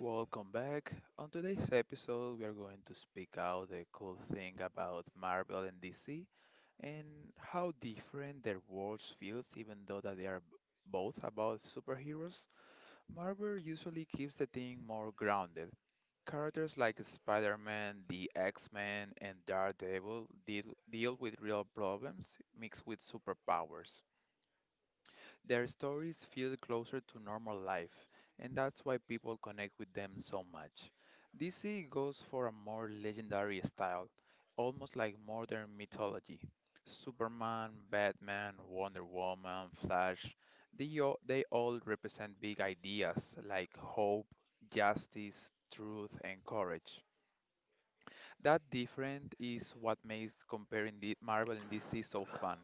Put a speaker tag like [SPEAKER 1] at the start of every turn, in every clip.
[SPEAKER 1] Welcome back. On today's episode, we are going to speak out the cool thing about Marvel and DC and how different their worlds feels even though that they are both about superheroes. Marvel usually keeps the thing more grounded. Characters like Spider-Man, the X-Men, and Daredevil deal with real problems mixed with superpowers. Their stories feel closer to normal life, and that's why people connect with them so much. DC goes for a more legendary style, almost like modern mythology. Superman, Batman, Wonder Woman, Flash, they all represent big ideas like hope, justice, truth, and courage. That difference is what makes comparing the Marvel and DC so fun.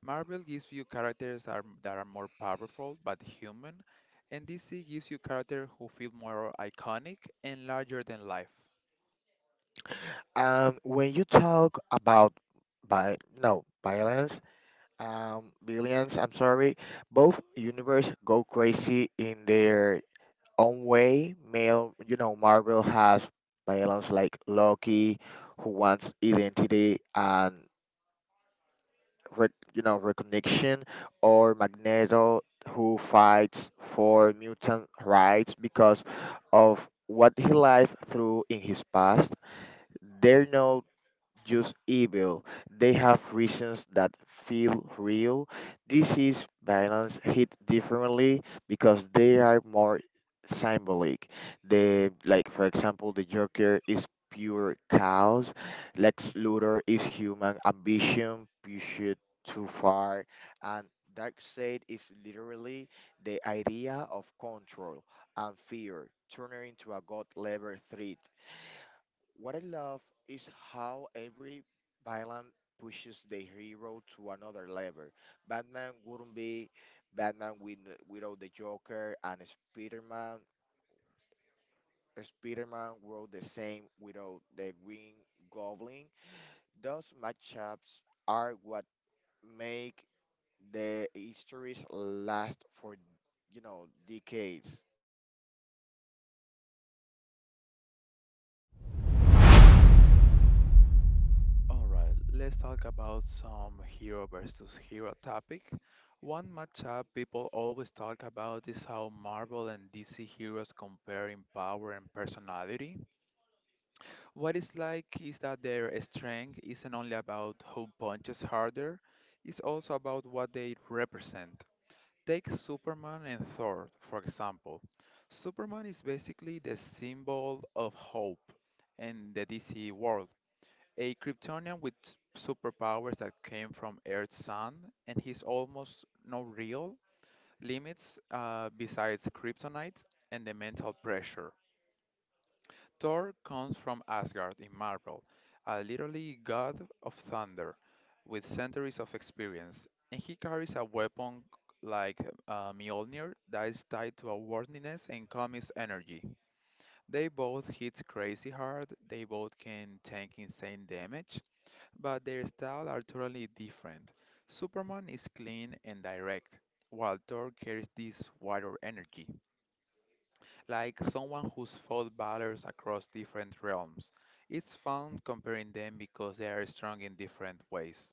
[SPEAKER 1] Marvel gives you that are more powerful but human, and DC gives you characters who feel more iconic and larger than life. Alright, let's talk about some hero versus hero topic. One matchup people always talk about is how Marvel and DC heroes compare in power and personality. What it's like is that their strength isn't only about who punches harder, it's also about what they represent. Take Superman and Thor, for example. Superman is basically the symbol of hope in the DC world. A Kryptonian with superpowers that came from Earth's sun, and he's almost no real limits besides kryptonite and the mental pressure. Thor comes from Asgard in Marvel, a literally god of thunder with centuries of experience, and he carries a weapon like Mjolnir that is tied to a worthiness and comics energy. They both hit crazy hard, they both can tank insane damage, but their style are totally different. Superman is clean and direct, while Thor carries this wider energy. Like someone who's fought battles across different realms. It's fun comparing them because they are strong in different ways.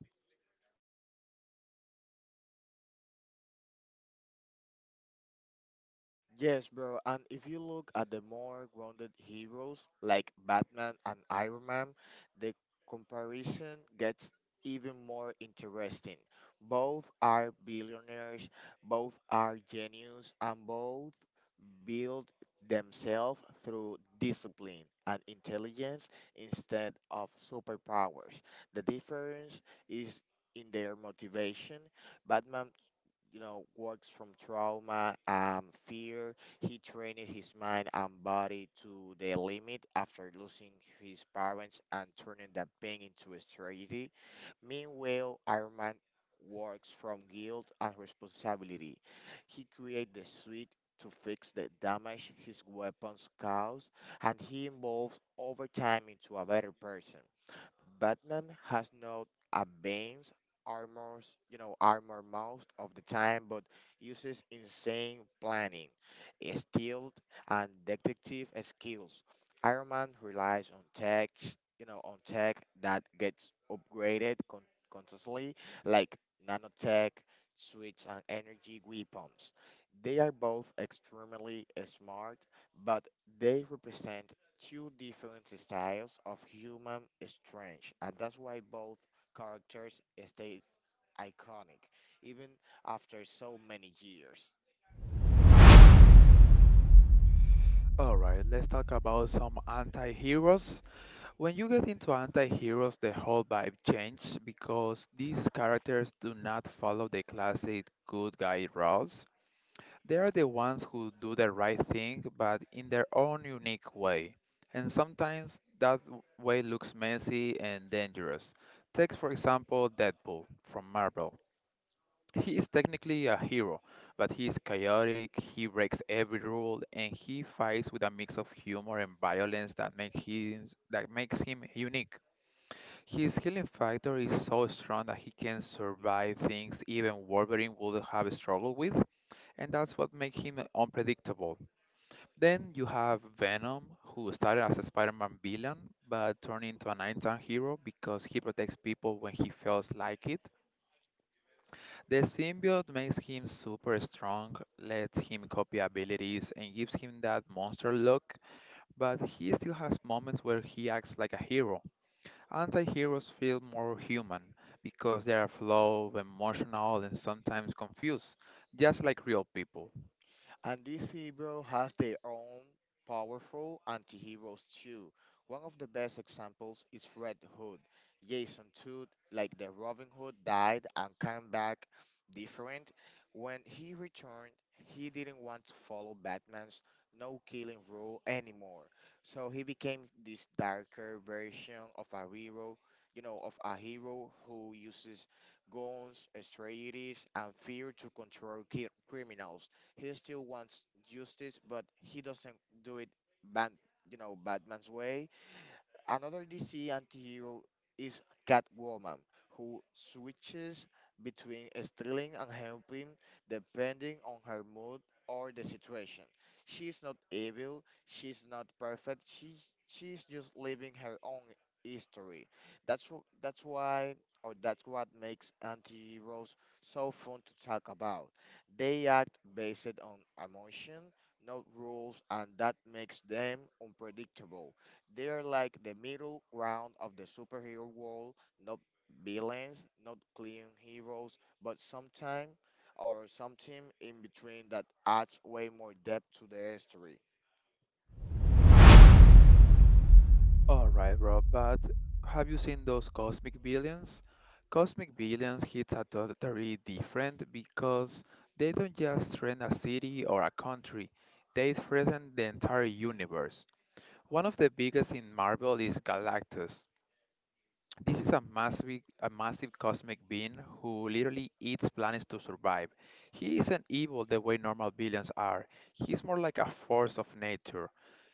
[SPEAKER 1] Alright, let's talk about some anti heroes. When you get into anti heroes, the whole vibe changes because these characters do not follow the classic good guy roles. They are the ones who do the right thing, but in their own unique way. And sometimes that way looks messy and dangerous. Take, for example, Deadpool from Marvel. He is technically a hero, but he is chaotic, he breaks every rule, and he fights with a mix of humor and violence that makes him unique. His healing factor is so strong that he can survive things even Wolverine would have struggled with, and that's what makes him unpredictable. Then you have Venom, who started as a Spider-Man villain but turned into an anti hero because he protects people when he feels like it. The symbiote makes him super strong, lets him copy abilities, and gives him that monster look, but he still has moments where he acts like a hero. Anti-heroes feel more human because they are flawed, emotional, and sometimes confused, just like real people. All right, bro, but have you seen those Cosmic Billions? Cosmic Billions hits are totally different because they don't just threaten a city or a country, they threaten the entire universe. One of the biggest in Marvel is Galactus. This is a massive cosmic being who literally eats planets to survive. He isn't evil the way normal villains are. He's more like a force of nature.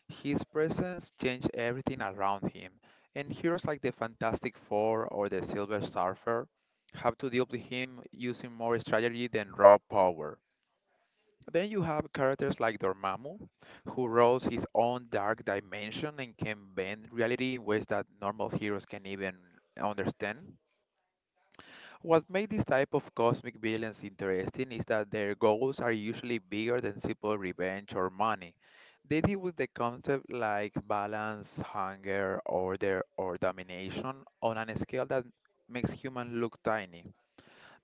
[SPEAKER 1] His presence changed everything around him, and heroes like the Fantastic Four or the Silver Surfer have to deal with him using more strategy than raw power. Then you have characters like Dormammu, who rules his own dark dimension and can bend reality in ways that normal heroes can even understand. What makes this type of cosmic villains interesting is that their goals are usually bigger than simple revenge or money. They deal with the concept like balance, hunger, order, or domination on a scale that makes humans look tiny.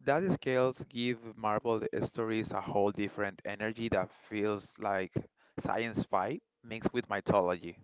[SPEAKER 1] That scales give Marvel stories a whole different energy that feels like science fi mixed with mythology.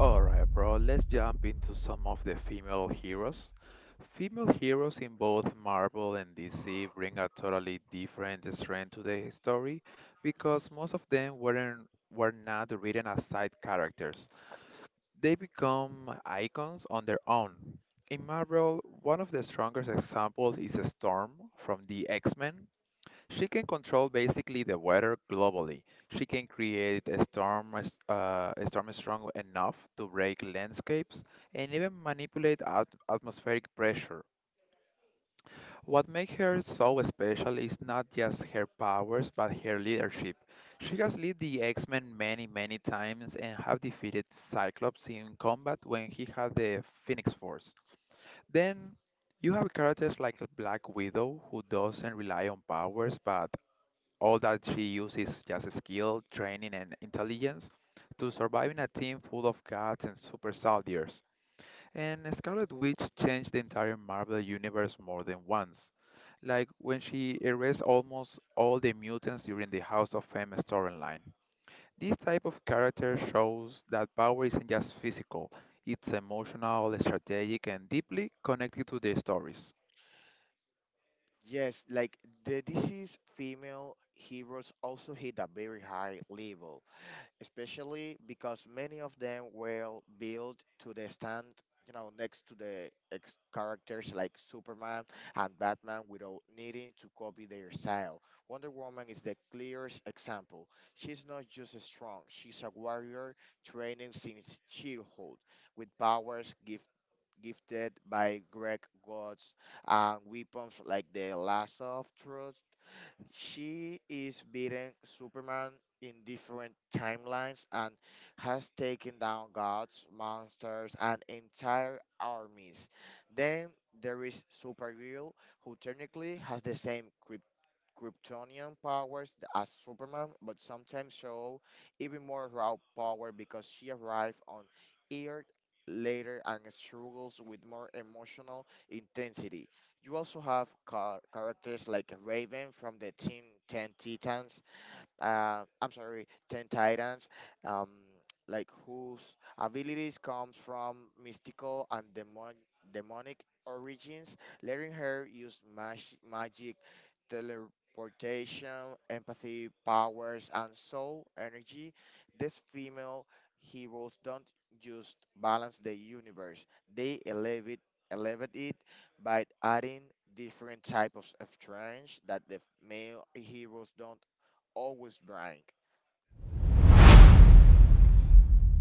[SPEAKER 1] Alright, bro, let's jump into some of the female heroes. Female heroes in both Marvel and DC bring a totally different strength to the story because most of them were not written as side characters. They become icons on their own. In Marvel, one of the strongest examples is Storm from the X-Men. She can control basically the weather globally. She can create a storm strong enough to break landscapes and even manipulate atmospheric pressure. What makes her so special is not just her powers, but her leadership. She has led the X-Men many, many times and have defeated Cyclops in combat when he had the Phoenix Force. Then you have characters like the Black Widow, who doesn't rely on powers, but all that she uses is just skill, training, and intelligence to survive in a team full of gods and super soldiers. And Scarlet Witch changed the entire Marvel universe more than once, like when she erased almost all the mutants during the House of Fame storyline. This type of character shows that power isn't just physical, it's emotional, strategic, and deeply connected to the stories.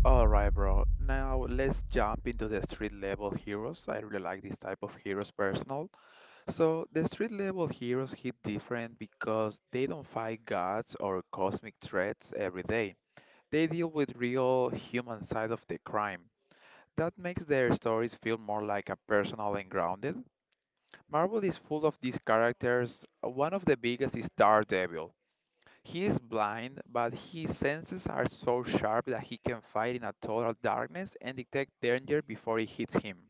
[SPEAKER 1] Alright, bro, now let's jump into the street level heroes. I really like this type of heroes personal. So the street level heroes hit different because they don't fight gods or cosmic threats every day. They deal with real human side of the crime. That makes their stories feel more like a personal and grounded. Marvel is full of these characters. One of the biggest is Daredevil. He is blind, but his senses are so sharp that he can fight in a total darkness and detect danger before it hits him.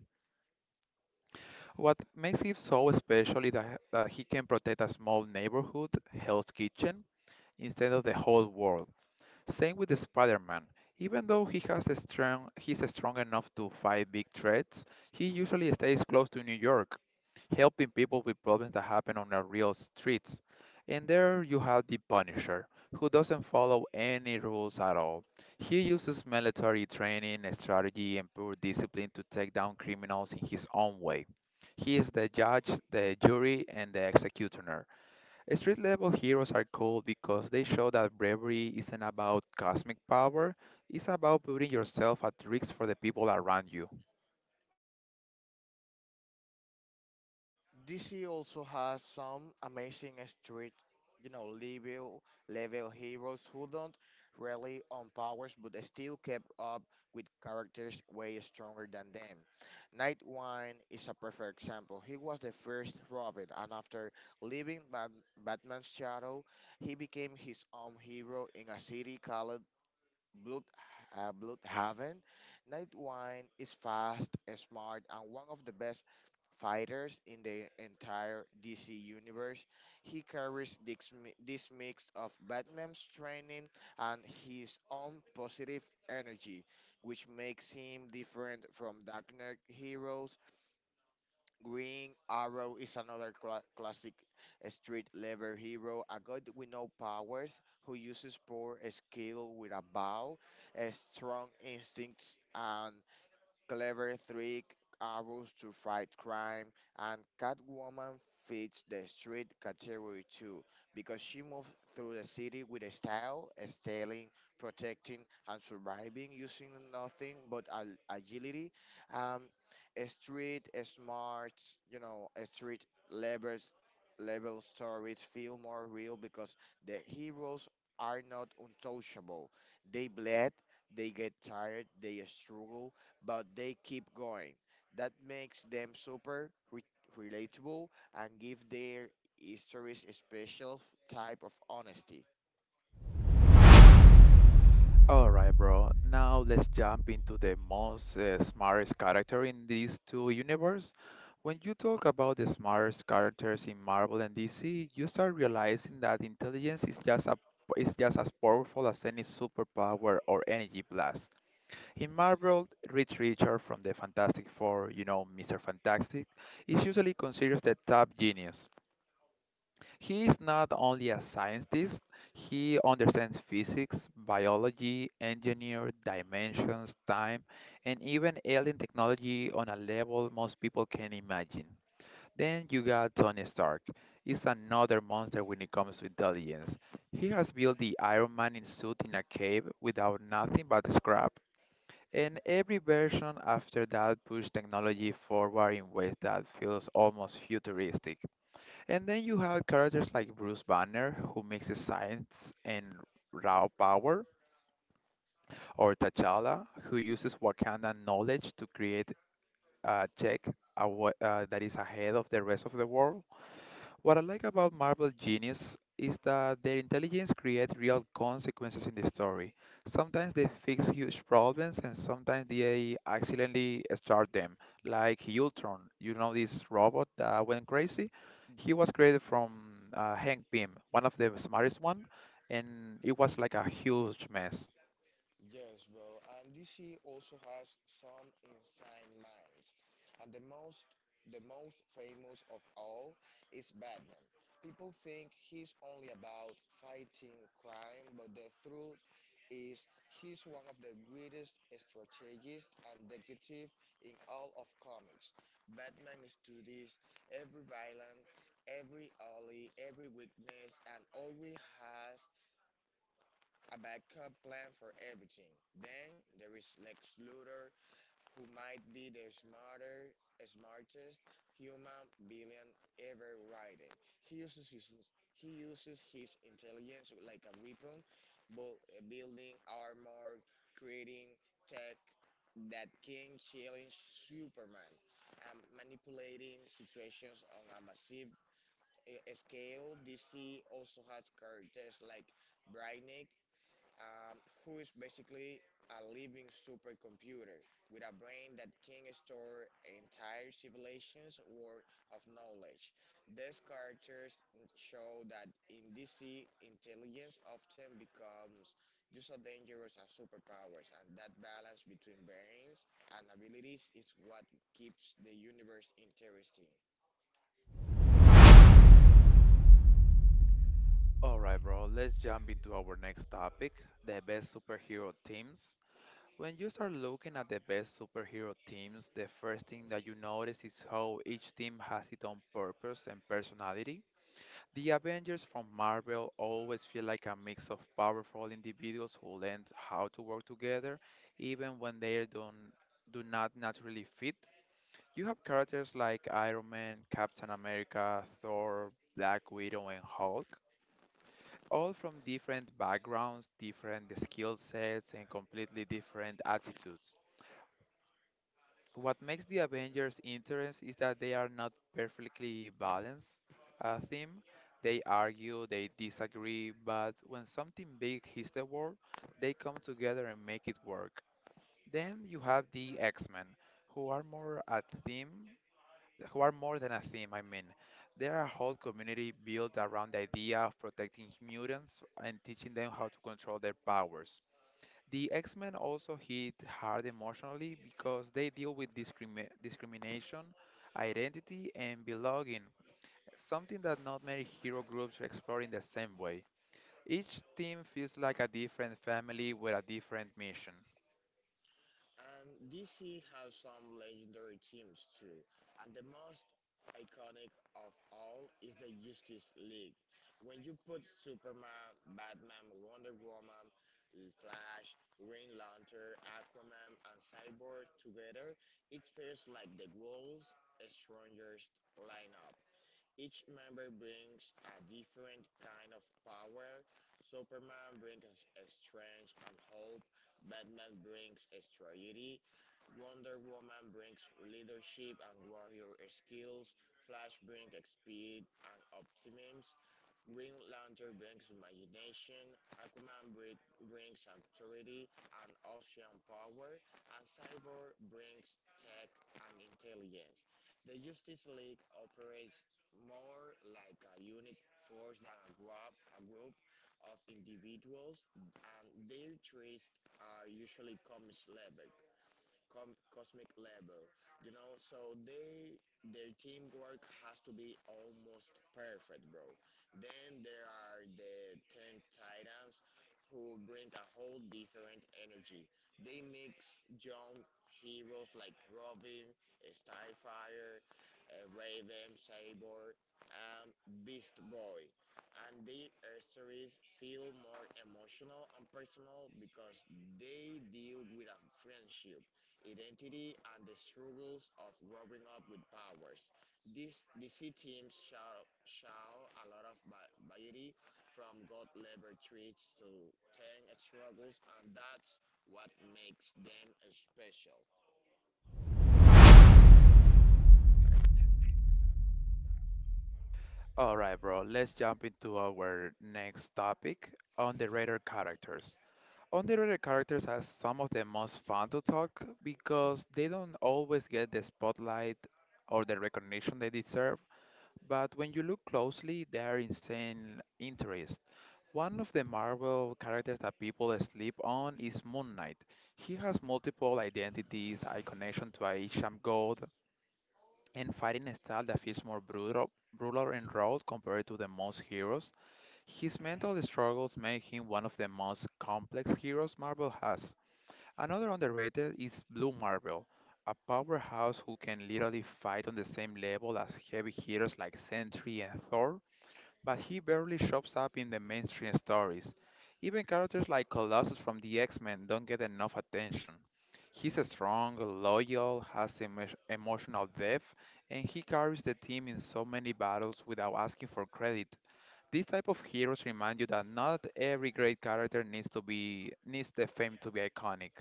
[SPEAKER 1] What makes him so special is that he can protect a small neighborhood, Hell's Kitchen, instead of the whole world. Same with Spider-Man. Even though he's strong enough to fight big threats, he usually stays close to New York, helping people with problems that happen on the real streets. And there you have the Punisher, who doesn't follow any rules at all. He uses military training, strategy, and pure discipline to take down criminals in his own way. He is the judge, the jury, and the executioner. Street level heroes are cool because they show that bravery isn't about cosmic power, it's about putting yourself at risk for the people around you. Alright, bro, now let's jump into the most smartest character in these two universe. When you talk about the smartest characters in Marvel and DC, you start realizing that intelligence is just as powerful as any superpower or energy blast. In Marvel, Reed Richards from the Fantastic Four, you know, Mr. Fantastic, is usually considered the top genius. He is not only a scientist, he understands physics, biology, engineer, dimensions, time, and even alien technology on a level most people can imagine. Then you got Tony Stark. He's another monster when it comes to intelligence. He has built the Iron Man in suit in a cave without nothing but scrap and every version after that pushed technology forward in ways that feels almost futuristic. And then you had characters like Bruce Banner, who mixes science and raw power, or T'Challa, who uses Wakandan knowledge to create a that is ahead of the rest of the world. What I like about Marvel Genius is that their intelligence creates real consequences in the story. Sometimes they fix huge problems and sometimes they accidentally start them, like Ultron. You know this robot that went crazy? He was created from Hank Pym, one of the smartest one, and it was like a huge mess. All right, bro, let's jump into our next topic, the best superhero teams. When you start looking at the best superhero teams, the first thing that you notice is how each team has its own purpose and personality. The Avengers from Marvel always feel like a mix of powerful individuals who learned how to work together, even when they don't, do not naturally fit. You have characters like Iron Man, Captain America, Thor, Black Widow, and Hulk, all from different backgrounds, different skill sets, and completely different attitudes. What makes the Avengers interesting is that they are not perfectly balanced a theme. They argue, they disagree, but when something big hits the world, they come together and make it work. Then you have the X-Men, who are more a theme, who are more than a theme, I mean. They're a whole community built around the idea of protecting mutants and teaching them how to control their powers. The X-Men also hit hard emotionally because they deal with discrimination, identity, and belonging, something that not many hero groups explore in the same way. Each team feels like a different family with a different mission. Alright, bro, let's jump into our next topic underrated characters. Underrated characters are some of the most fun to talk because they don't always get the spotlight or the recognition they deserve, but when you look closely, they are insane interest. One of the Marvel characters that people sleep on is Moon Knight. He has multiple identities, a connection to Aesop God, and fighting style that feels more brutal and raw compared to the most heroes. His mental struggles make him one of the most complex heroes Marvel has. Another underrated is Blue Marvel, a powerhouse who can literally fight on the same level as heavy heroes like Sentry and Thor, but he barely shows up in the mainstream stories. Even characters like Colossus from the X-Men don't get enough attention. He's strong, loyal, has emotional depth, and he carries the team in so many battles without asking for credit. These type of heroes remind you that not every great character needs the fame to be iconic.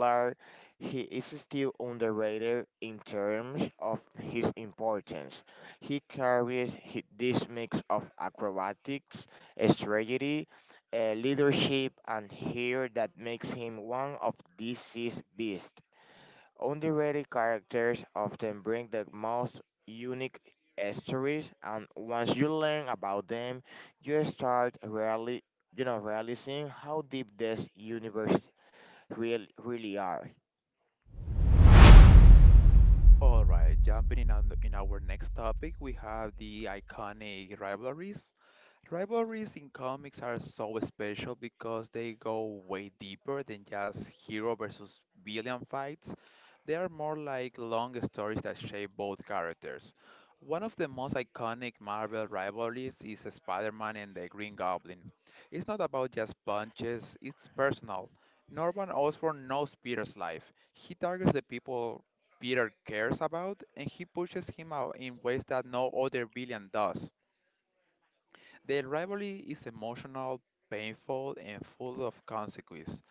[SPEAKER 2] Are he is still underrated in terms of his importance. He carries this mix of acrobatics, strategy, leadership, and hair that makes him one of DC's best. Underrated characters often bring the most unique stories, and once you learn about them, you start really realizing how deep this universe really are.
[SPEAKER 1] All right, in our next topic, we have the iconic rivalries. Rivalries in comics are so special because they go way deeper than just hero versus villain fights. They are more like long stories that shape both characters. One of the most iconic Marvel rivalries is Spider-Man and the Green Goblin. It's not about just punches, it's personal. Norman Osborn knows Peter's life. He targets the people Peter cares about, and he pushes him out in ways that no other villain does. The rivalry is emotional, painful, and full of consequence.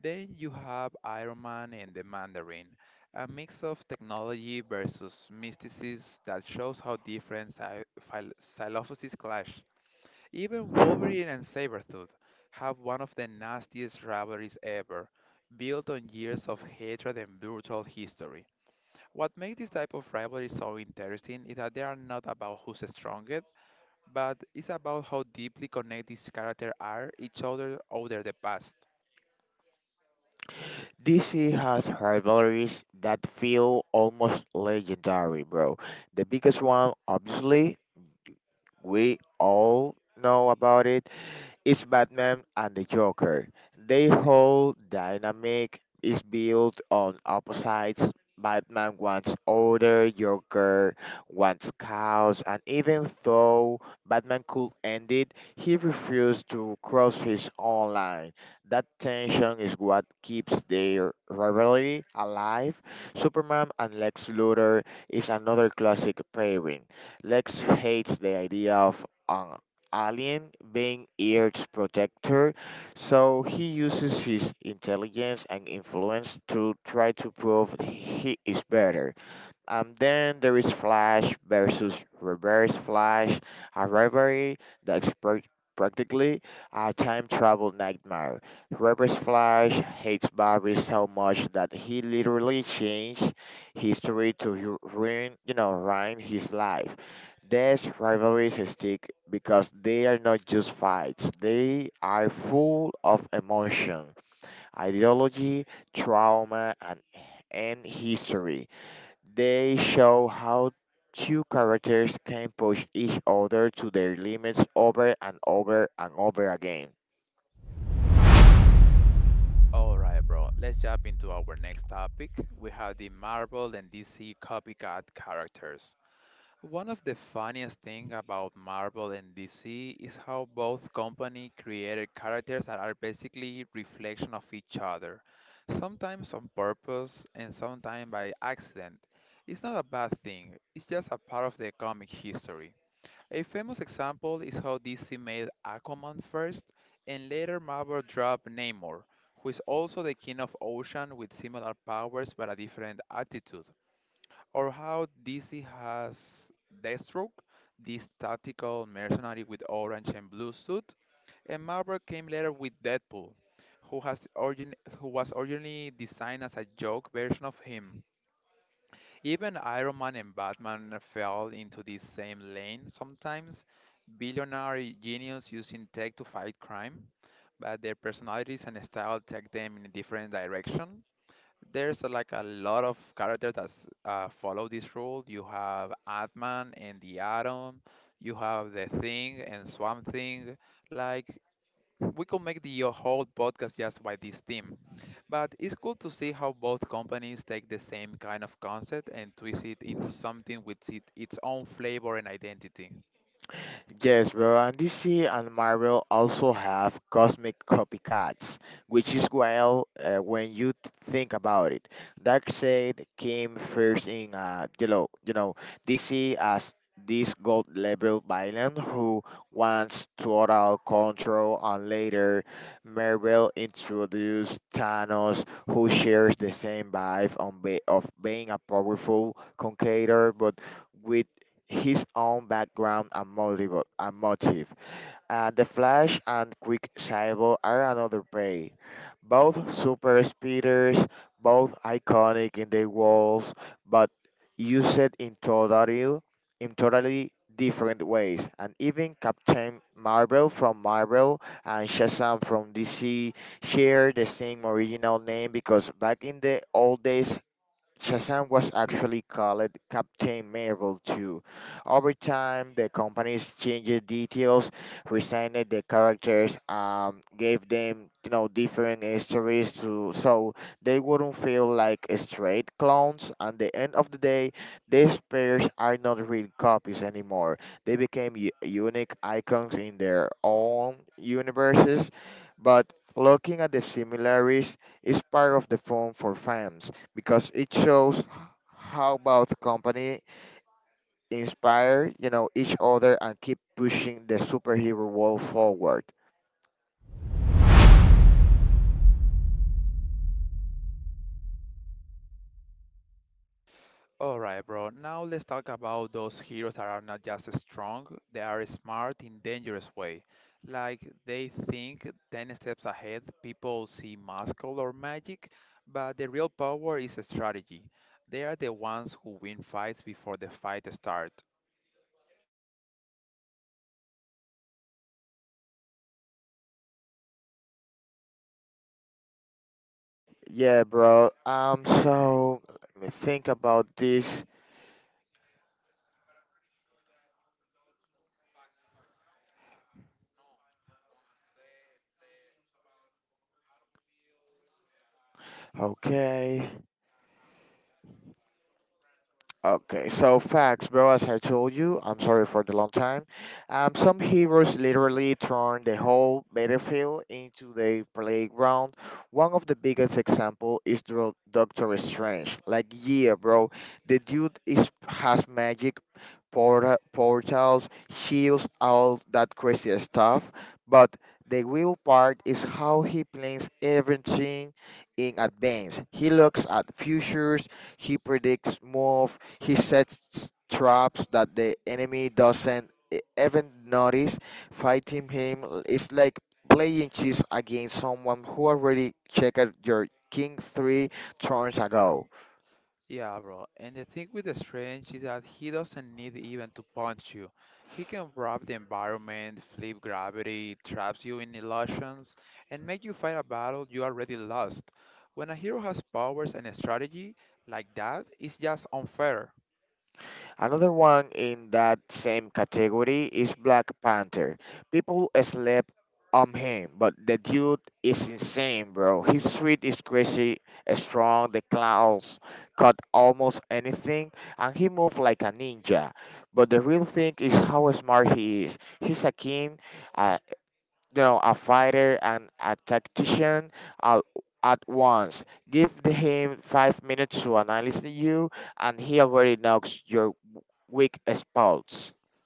[SPEAKER 1] Then you have Iron Man and the Mandarin, a mix of technology versus mysticism that shows how different philosophies clash. Even Wolverine and Sabretooth have one of the nastiest rivalries ever, built on years of hatred and brutal history. What makes this type of rivalry so interesting is that they are not about who's stronger, but it's about how deeply connected these characters are each other over the past.
[SPEAKER 2] An alien being Earth's protector, so he uses his intelligence and influence to try to prove he is better. Then there is Flash versus Reverse Flash, a rivalry that's prac- practically a time travel nightmare. Reverse Flash hates Barry so much that he literally changed history to ruin ruin his life. These rivalries stick because they are not just fights; they are full of emotion, ideology, trauma, and history. They show how two characters can push each other to their limits over and over and over again.
[SPEAKER 1] Alright, bro, let's jump into our next topic. We have the Marvel and DC copycat characters. One of the funniest things about Marvel and DC is how both company created characters that are basically reflection of each other, sometimes on purpose and sometimes by accident. It's not a bad thing, it's just a part of the comic history. A famous example is how DC made Aquaman first and later Marvel dropped Namor, who is also the king of ocean with similar powers but a different attitude. Or how DC has Deathstroke, this tactical mercenary with orange and blue suit, and Marvel came later with Deadpool, who was originally designed as a joke version of him. Even Iron Man and Batman fell into this same lane sometimes, billionaire genius using tech to fight crime, but their personalities and style take them in a different direction. There's like a lot of characters that follow this rule. You have Ant-Man and the Atom, you have The Thing and Swamp Thing. Like, we could make the whole podcast just by this theme. But it's cool to see how both companies take the same kind of concept and twist it into something with it, its own flavor and identity.
[SPEAKER 2] Details, resigned the characters, gave them different histories to so they wouldn't feel like straight clones. At the end of the day, these pairs are not real copies anymore. They became unique icons in their own universes, but looking at the similarities is part of the fun for fans because it shows how both company inspire each other and keep pushing the superhero world forward.
[SPEAKER 1] Alright, bro, now let's talk about those heroes that are not just strong, they are smart in dangerous way. Like they think 10 steps ahead, people see muscle or magic, but the real power is a strategy. They are the ones who win fights before the fight starts.
[SPEAKER 2] Yeah, bro. So let me think about this.
[SPEAKER 1] Yeah, bro. And the thing with the Strange is that he doesn't need even to punch you. He can rob the environment, flip gravity, traps you in illusions, and make you fight a battle you already lost. When a hero has powers and a strategy like that, it's just unfair.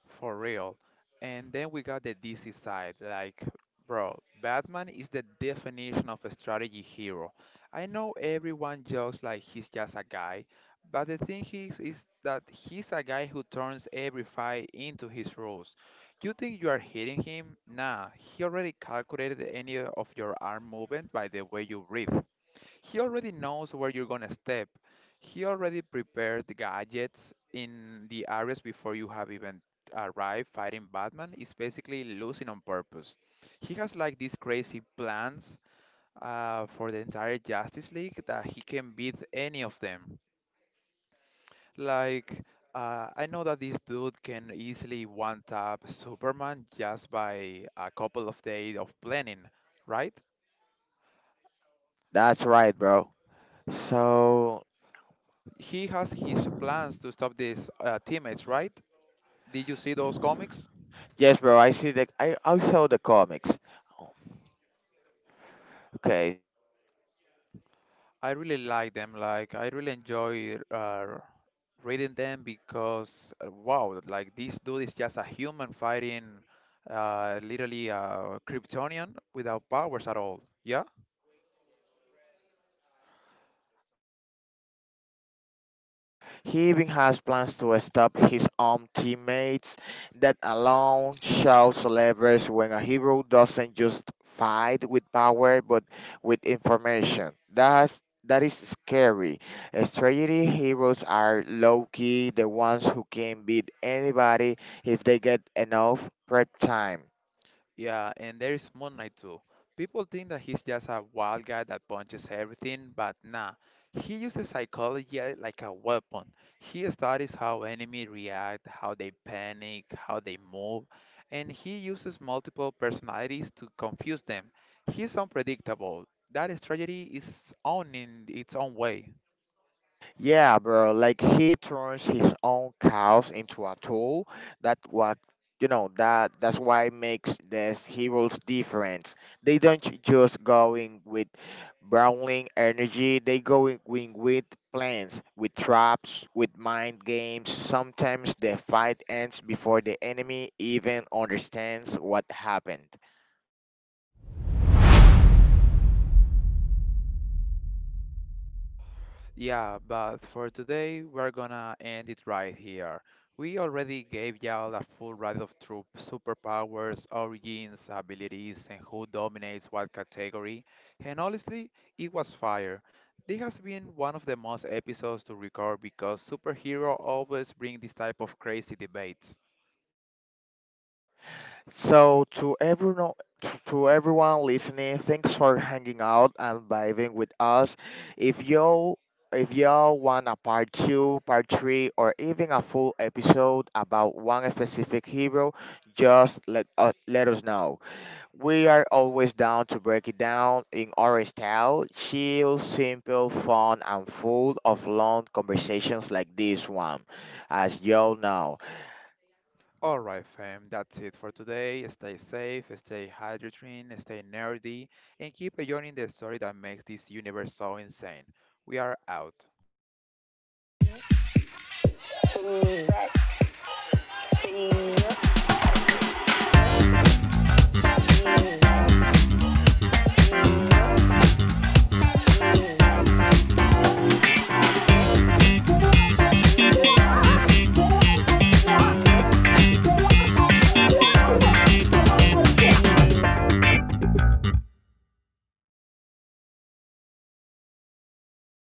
[SPEAKER 1] For real. And then we got the DC side, like, bro, Batman is the definition of a strategy hero. I know everyone jokes like he's just a guy, but the thing is, that he's a guy who turns every fight into his rules. You think you are hitting him? Nah, he already calculated any of your arm movement. By the way you breathe, he already knows where you're going to step. He already prepared the gadgets in the areas before you have even arrived. Fighting Batman is basically losing on purpose. He has like these crazy plans for the entire Justice League that he can beat any of them. Like, I know that this dude can easily one tap Superman just by a couple of days of planning, right?
[SPEAKER 2] That's right, bro. So
[SPEAKER 1] He has his plans to stop these teammates, right? Did you see those comics?
[SPEAKER 2] yes, bro. I see the. I saw the comics. Okay,
[SPEAKER 1] I really like them. Like I really enjoy reading them because wow, like this dude is just a human fighting literally a Kryptonian without powers at all. Yeah.
[SPEAKER 2] Heaving has plans to stop his own teammates. That alone shall celebrate when a hero doesn't just fight with power but with information. That is scary. As tragedy heroes are low key, the ones who can beat anybody if they get enough prep time.
[SPEAKER 1] Yeah, and there is Moon Knight too. People think that he's just a wild guy that punches everything, but nah. He uses psychology like a weapon. He studies how enemies react, how they panic, how they move, and he uses multiple personalities to confuse them. He's unpredictable. That strategy is own in its own way. Yeah, but for today, we're gonna end it right here. We already gave y'all a full ride of troop superpowers, origins, abilities, and who dominates what category, and honestly, it was fire. This has been one of the most episodes to record because superhero always bring this type of crazy debates.
[SPEAKER 2] Let us know.
[SPEAKER 1] All right, fam, that's it for today. Stay safe, stay hydrating, stay nerdy, and keep enjoying the story that makes this universe so insane. We are out.